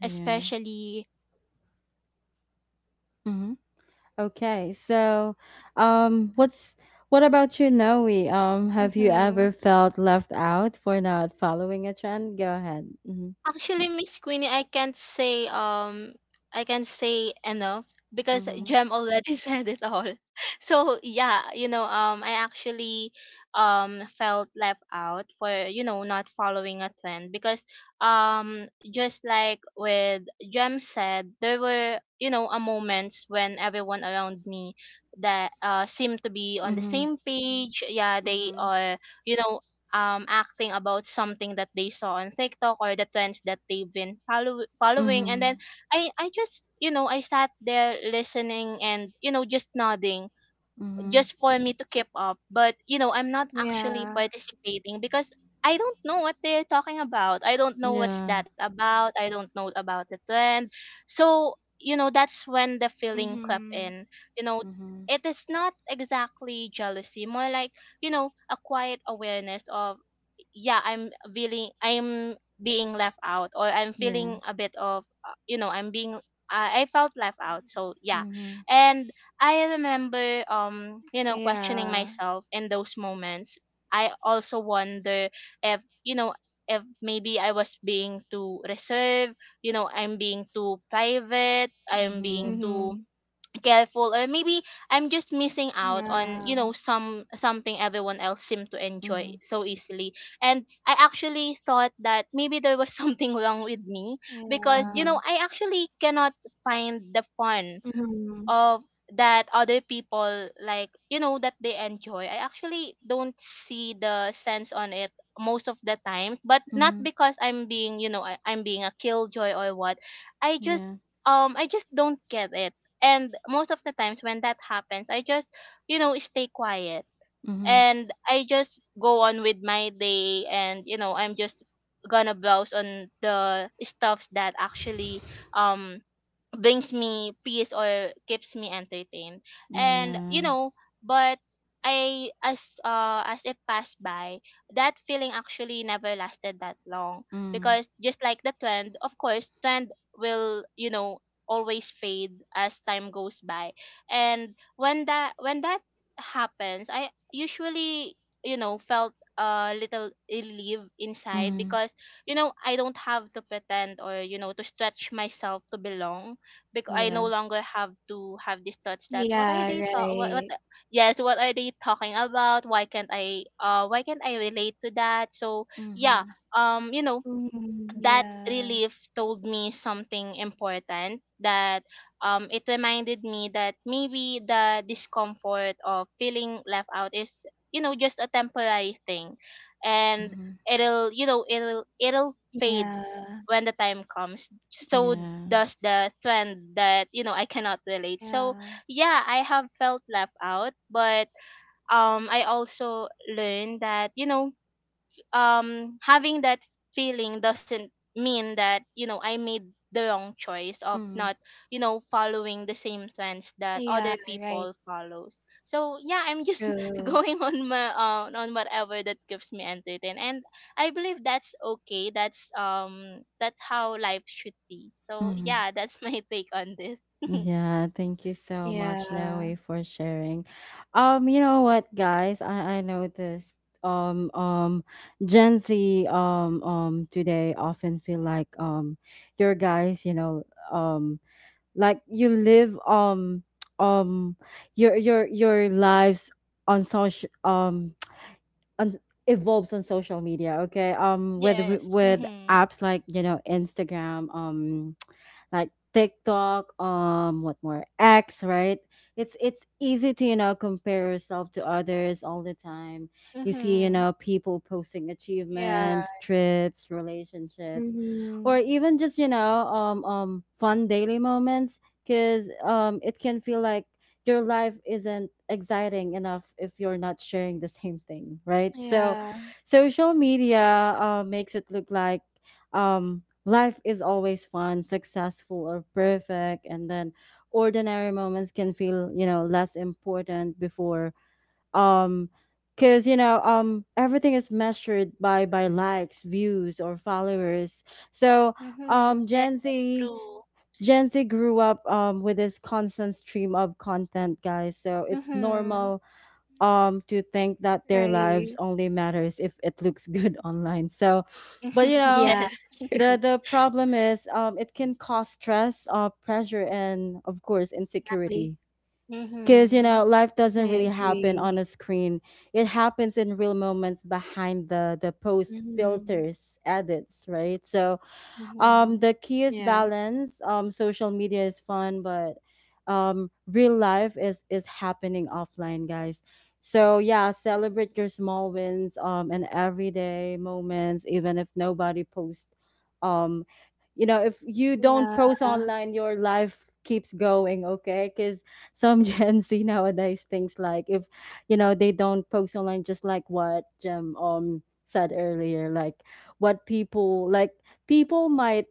Yeah.
especially in a generation, you know, that
Mhm.
always
Okay.
that always
So,
online.
um,
So
what's
yeah,
what
that's
about
it
you,
for
Noe?
me.
Have you
Mm-hmm.
ever felt left out for not following a trend? Go ahead. Mhm.
Actually, Miss Queenie, I can't say enough because
Mhm.
Jem already said it all. So yeah, I actually felt left out for, you know, not following a trend, because just like with Jem said, there were, you know, a moments when everyone around me that seemed to be on the
Mhm.
same page. Yeah, they
Mhm.
are, you know, acting about something that they saw on TikTok, or the trends that they've been following. And then
Mhm.
I just, you know, I sat there listening and, you know, just nodding
Mhm.
just for me to keep up. But, you know, I'm not actually
Yeah.
participating because I don't know what they're talking about. I don't know what's
Yeah.
that about. I don't know about the trend. So, you know, that's when the feeling crept
Mm-hmm.
in. You know,
Mhm.
it is not exactly jealousy, more like, you know, a quiet awareness of yeah I'm feeling, I'm being left out or I'm
Yeah.
feeling a bit of you know I'm being I felt left out, so yeah.
Mhm.
And I remember you know questioning
Yeah.
myself in those moments. I also wonder if you know, if maybe I was being too reserved, you know I'm being too private, I'm being
Mhm.
Mm-hmm.
too careful, or maybe I'm just missing out on
Yeah.
you know some something everyone else seemed to enjoy
Mhm.
so easily. And I actually thought that maybe there was something wrong with me, because you
Yeah.
know
Mhm.
I actually cannot find the fun
Mm-hmm.
of that other people like, you know that they enjoy, I actually don't see the sense on it most of the time, but not
Mhm.
because I'm being I'm being a killjoy or what. I just
Yeah.
I just don't get it. And most of the times when that happens, I just stay quiet,
Mhm.
and I just go on with my day, and you know I'm just gonna browse on the stuffs that actually um brings me peace or keeps me entertained. And you
Yeah.
know, but I as it passed by, that feeling actually never lasted that long,
Mm.
because just like the trend, of course trend will you know always fade as time goes by. And when that happens, I usually felt a little relief inside,
Mm.
because you know I don't have to pretend or you know to stretch myself to belong, because I no
Yeah.
longer have to have this touch that what are
Yeah,
they talk
right.
yes, what are they talking about, why can't I relate to that? So yeah,
Mhm.
you know,
Mm-hmm.
that
Yeah.
relief told me something important, that it reminded me that maybe the discomfort of feeling left out is you know just a temporary thing, and
Mhm.
it'll you know it'll fade
Yeah.
when the time comes, so
Yeah.
does the trend that you know I cannot relate.
Yeah.
So yeah, I have felt left out, but I also learned that you know having that feeling doesn't mean that you know I made the wrong choice of
Mm.
not you know following the same trends that
Yeah,
other
right.
people follows. So yeah, I'm just
True.
going on my on whatever that gives me entertainment, and I believe that's okay. That's that's how life should be. So
Mm.
yeah, that's my take on this.
Yeah, thank you so
Yeah.
much, Noe, for sharing. You know what, guys? I noticed Gen Z today often feel like your guys, you know, um. like you live um your your lives on social, on evolves on social media, okay, with
Yes. Mhm.
apps like, you know, Instagram, like TikTok, what more, X, right? It's easy to, you know, compare yourself to others all the time. You see, you
Mhm.
know, people posting
Yeah.
achievements, trips, relationships,
Mm-hmm.
or even just, you know, fun daily moments, because it can feel like your life isn't exciting enough if you're not sharing the same thing, right? So
Yeah.
social media makes it look like life is always fun, successful, or perfect, and then ordinary moments can feel, you know, less important before, um because, you know, everything is measured by likes, views, or followers. So
Mhm.
um
Yes.
gen z
True.
Gen Z grew up with this constant stream of content, guys. So it's
Mhm.
normal
Yeah.
to think that their lives
Right.
only matters if it looks good online. So, but you know,
Yeah,
Yes.
the problem is, it can cause stress, pressure, and of course
happily.
insecurity. Because, you
Mhm.
know, life doesn't really
I
happen on
agree.
a screen. It happens in real moments behind the post,
Mm-hmm.
filters, edits, right? So
Mhm.
the key is
Yeah.
balance. Social media is fun, but real life is happening offline, guys. So yeah, celebrate your
Mm-hmm.
small wins, and everyday moments, even if nobody posts. Um, you know, if you don't
Yeah.
post online, your life keeps going. Okay, because some Gen Z nowadays thinks like, if you know, they don't post online, just like what Jim said earlier, like what people like, people might,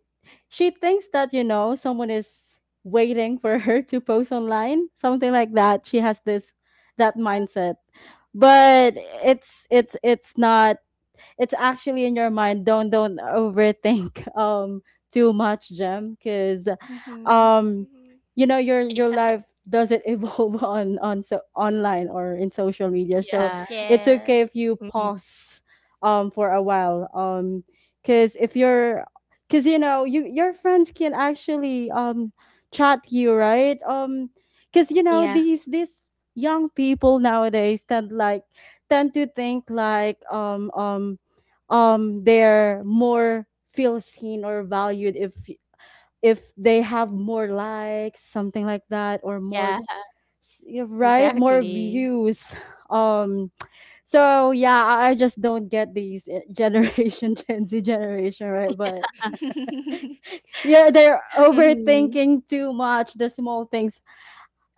she thinks that, you know, someone is waiting for her to post online, something like that. She has this, that mindset. But it's it's not, it's actually in your mind. Don't overthink too much, Gem, because
Mhm.
um
Mm-hmm.
you know your
Yeah.
life doesn't evolve on so online or in social media. So
Yeah.
it's okay
Yes.
if you
Mm-hmm.
pause for a while, because if you're, because you know, you your friends can actually chat you, right? Because, you know,
Yeah.
these young people nowadays tend like tend to think like they're more feel seen or valued if they have more likes, something like that, or more
Yeah,
you know, right, more
exactly.
views um so yeah, I just don't get these generation Gen Z generation, right? But yeah, they're
Mm-hmm.
overthinking too much the small things.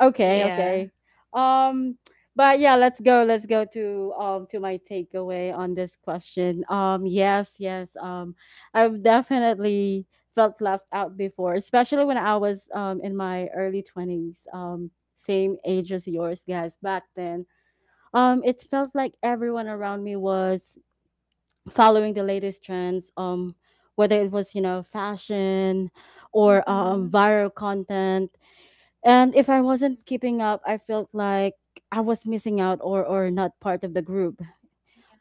Okay,
Yeah.
okay. Um, but yeah, let's go. Let's go to my takeaway on this question. Yes, yes. I've definitely felt left out before, especially when I was in my early twenties. Same age as yours, guys. Back then, it felt like everyone around me was following the latest trends. Whether it was, you know, fashion or
Mhm.
viral content, and if I wasn't
Mm-hmm.
keeping up, I felt like I was missing out, or not part of the group.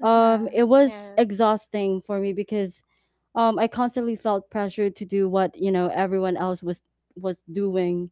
It was
Yes.
exhausting for me because, I constantly felt pressured to do what, you know, everyone else was doing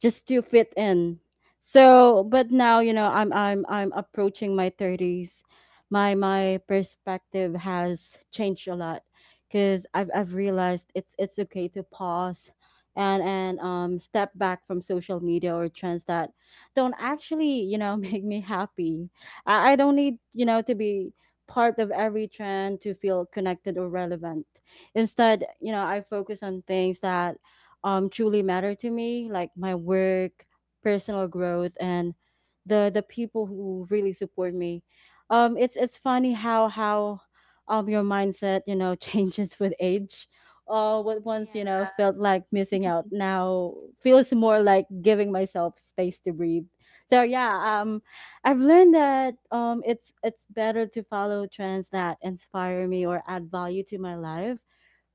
just to fit in. So, but now, you know, I'm approaching my 30s. My perspective has changed a lot because I've realized it's okay to pause and step back from social media or trends that don't actually, you know, make me happy. I don't need, you know, to be part of every trend to feel connected or relevant. Instead, you know, I focus on things that truly matter to me, like my work, personal growth, and the people who really support me. It's funny how your mindset, you know, changes with age. What once, you know,
Yeah.
felt like missing out now feels more like giving myself space to breathe. So yeah, I've learned that, it's better to follow trends that inspire me or add value to my life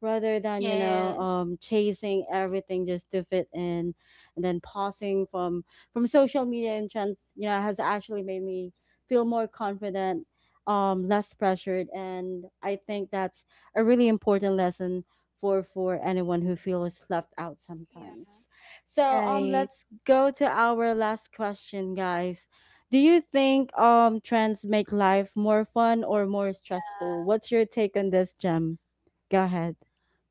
rather than, you know,
Yes.
chasing everything just to fit in. And then pausing from social media and trends, you know, has actually made me feel more confident, less pressured, and I think that's a really important lesson for anyone who feels left out sometimes.
Yeah.
So
Right.
let's go to our last question, guys. Do you think trends make life more fun or more stressful? What's your take on this, Gem? Go ahead.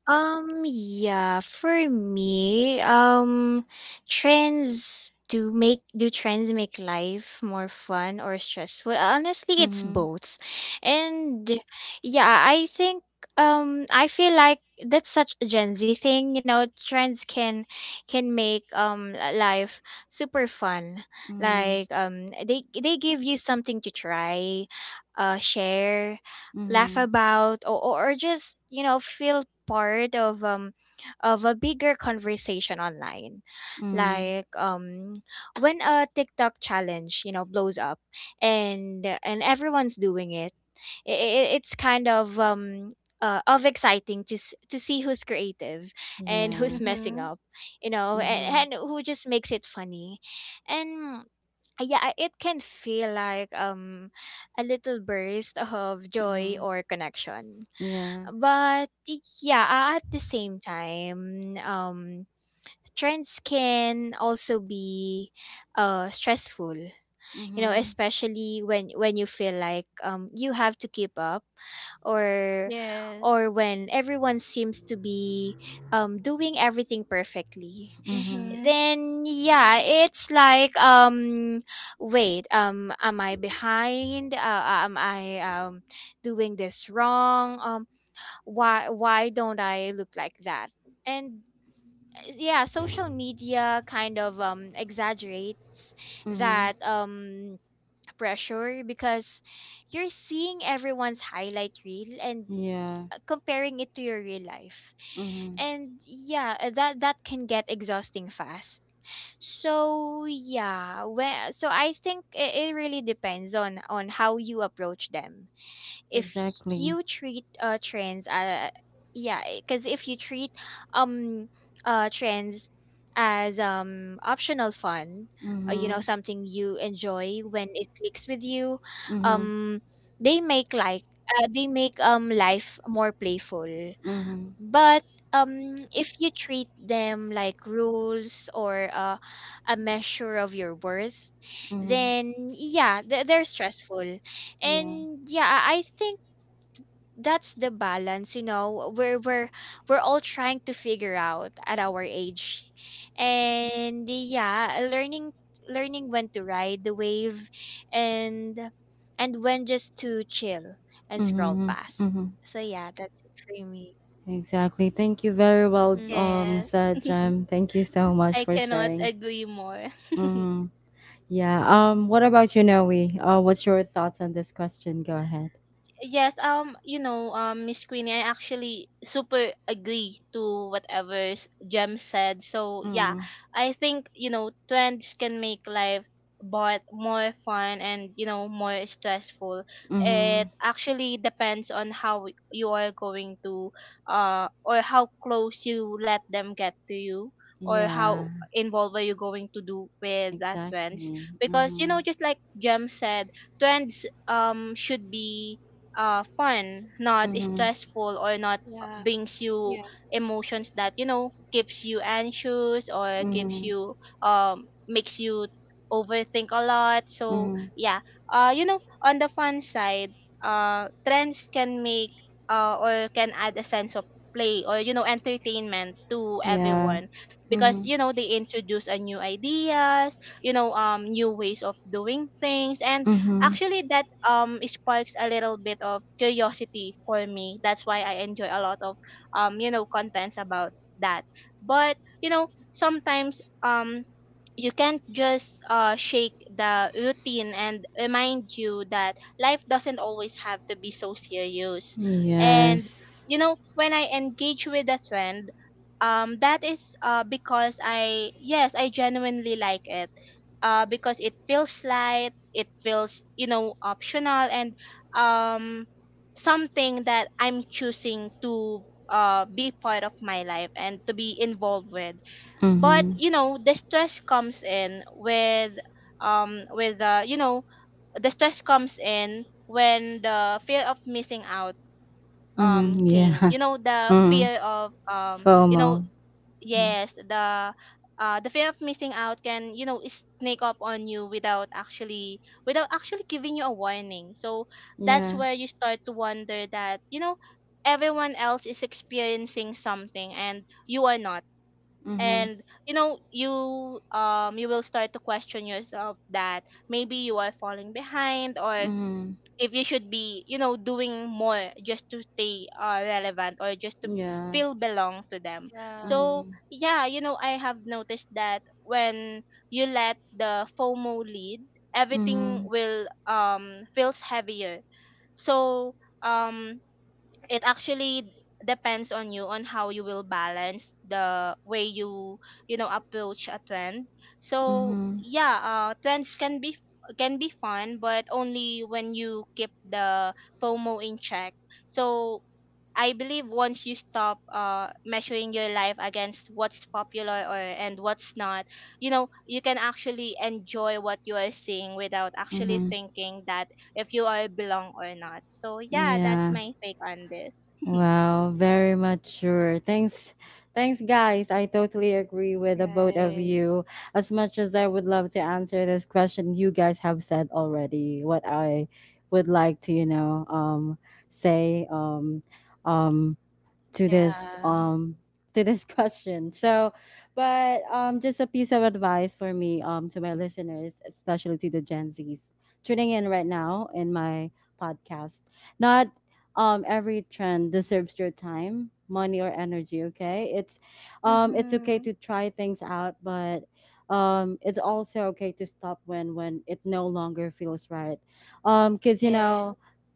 Um, yeah, for me, um, Trends do make do trends make life more fun or stressful? Honestly, it's
Mhm.
both. And yeah, I think I feel like that's such a Gen Z thing, you know, trends can life super fun.
Mhm.
Like, they give you something to try, share, laugh
Mhm.
about, or just, you know, feel part of a bigger conversation online.
Mhm.
Like, when a TikTok challenge, you know, blows up and everyone's doing it, I- it's kind of exciting to to see who's creative and who's
Yeah.
messing
Mhm.
up, you know,
Mhm.
and who just makes it funny. And yeah, I- it can feel like a little burst of joy
Mhm.
or connection.
Yeah.
But yeah, at the same time trends can also be stressful, you know,
Mhm.
especially when you feel like you have to keep up, or or
Yes.
when everyone seems to be doing everything perfectly.
Mhm.
Mhm.
Then yeah, it's like, wait, am I behind, am I doing this wrong? Why don't I look like that? And yeah, social media kind of exaggerates
Mhm.
that pressure, because you're seeing everyone's highlight reel and,
Yeah.
comparing it to your real life.
Mhm.
And yeah, that that can get exhausting fast. So yeah, well, so I think it really depends on how you approach them. If
Exactly.
you treat trends yeah because if you treat, um trends as optional fun, you know,
Mhm.
something you enjoy when it clicks with you,
Mhm.
um they make like they make life more playful.
Mhm.
But if you treat them like rules, or a measure of your worth,
Mhm.
then yeah, th- they're stressful.
Yeah.
And yeah, I think that's the balance, you know, we're all trying to figure out at our age, and yeah, learning when to ride the wave, and when just to chill and scroll
Mhm.
past.
Mhm.
So yeah, that's it for me.
Exactly. Thank you very well,
Yeah.
Yes.
Sajam. Thank you so much
I
for
cannot
sharing.
agree more.
Mhm. Yeah. What about you, Noe? What's your thoughts on this question? Go ahead.
Yes, you know, Miss Queenie, I actually super agree to whatever Jem said. So yeah,
Mm.
I think you know trends can make life but more fun and you know more stressful. It
Mhm.
actually depends on how you are going to, or how close you let them get to you, or how
Yeah.
involved are you going to do with that trends.
Exactly.
Because you
Mm-hmm.
know, just like Jem said, trends should be fun, not
Mm-hmm.
stressful, or not
Yeah,
brings you
yeah,
emotions that you know keeps you anxious or keeps
Mm-hmm.
you makes you overthink a lot. So
Mm-hmm.
yeah, you know, on the fun side, trends can make or can add a sense of play or you know entertainment to
Yeah.
everyone, because
Mm-hmm.
you know they introduce a new ideas, you know new ways of doing things. And
Mm-hmm.
actually, that sparks a little bit of curiosity for me. That's why I enjoy a lot of you know contents about that. But you know sometimes you can't just shake the routine and remind you that life doesn't always have to be so serious. And
Yes.
you know, when I engage with a trend, that is because I, yes, I genuinely like it. Because it feels light, it feels you know optional, and um, something that I'm choosing to be part of my life and to be involved with. But
Mm-hmm.
you know the stress comes in with you know, the stress comes in when the fear of missing out
Mm-hmm.
came,
Yeah.
you know, the
Mm-hmm.
fear of you know,
FOMO. Mhm.
yes, the fear of missing out can you know sneak up on you without actually giving you a warning. So that's
Yeah.
where you start to wonder that you know everyone else is experiencing something and you are not.
Mm-hmm.
And you know you you will start to question yourself that maybe you are falling behind, or
Mm-hmm.
if you should be you know doing more just to stay relevant, or just to
Yeah.
feel belong to them.
yeah,
So
Mm-hmm.
yeah, you know I have noticed that when you let the FOMO lead, everything
Mm-hmm.
will feels heavier. So um it actually depends on you on how you will balance the way you you know approach a trend. So
Mm-hmm.
yeah, trends can be, can be fun, but only when you keep the FOMO in check. So I believe once you stop measuring your life against what's popular or and what's not, you know you can actually enjoy what you are seeing without actually
Mm-hmm.
thinking that if you all belong or not. So yeah, that's
Yeah.
my take on this.
Wow, very
yeah.
mature. Thanks, guys. I
Mm-hmm.
totally agree with the both of
Right.
you. As much as I would love to answer this question, you guys have said already what I would like to, you know, say. Um, to this
Yeah.
um to this question. So, but just a piece of advice for me to my listeners, especially to the Gen Zs tuning in right now in my podcast. Not every trend deserves your time, money or energy, okay? It's okay
Mm-hmm.
to try things out, but it's also okay to stop when it no longer feels right. Cuz you
Yeah.
know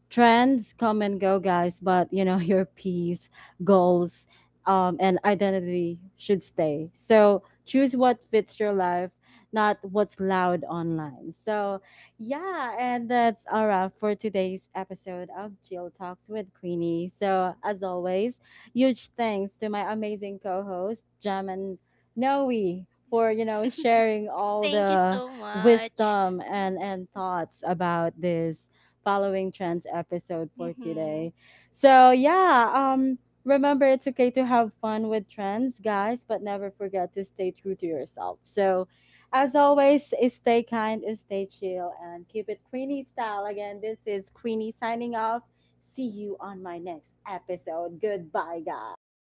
trends come and go, guys, but you know, your peace, goals, and identity should stay. So choose what fits your life, not what's loud online. So, yeah, and that's all right for today's episode of Jill Talks with Queenie. So, as always, huge thanks to my amazing co-host, Jam and Noe, for, you know, sharing all
Thank you
the
so much.
wisdom and thoughts about this following trends episode for
Hmm.
today. So yeah, remember it's okay to have fun with trends, guys, but never forget to stay true to yourself. So, as always, stay kind, stay chill, and keep it Queenie style. Again, this is Queenie signing off. See you on my next episode. Goodbye, guys.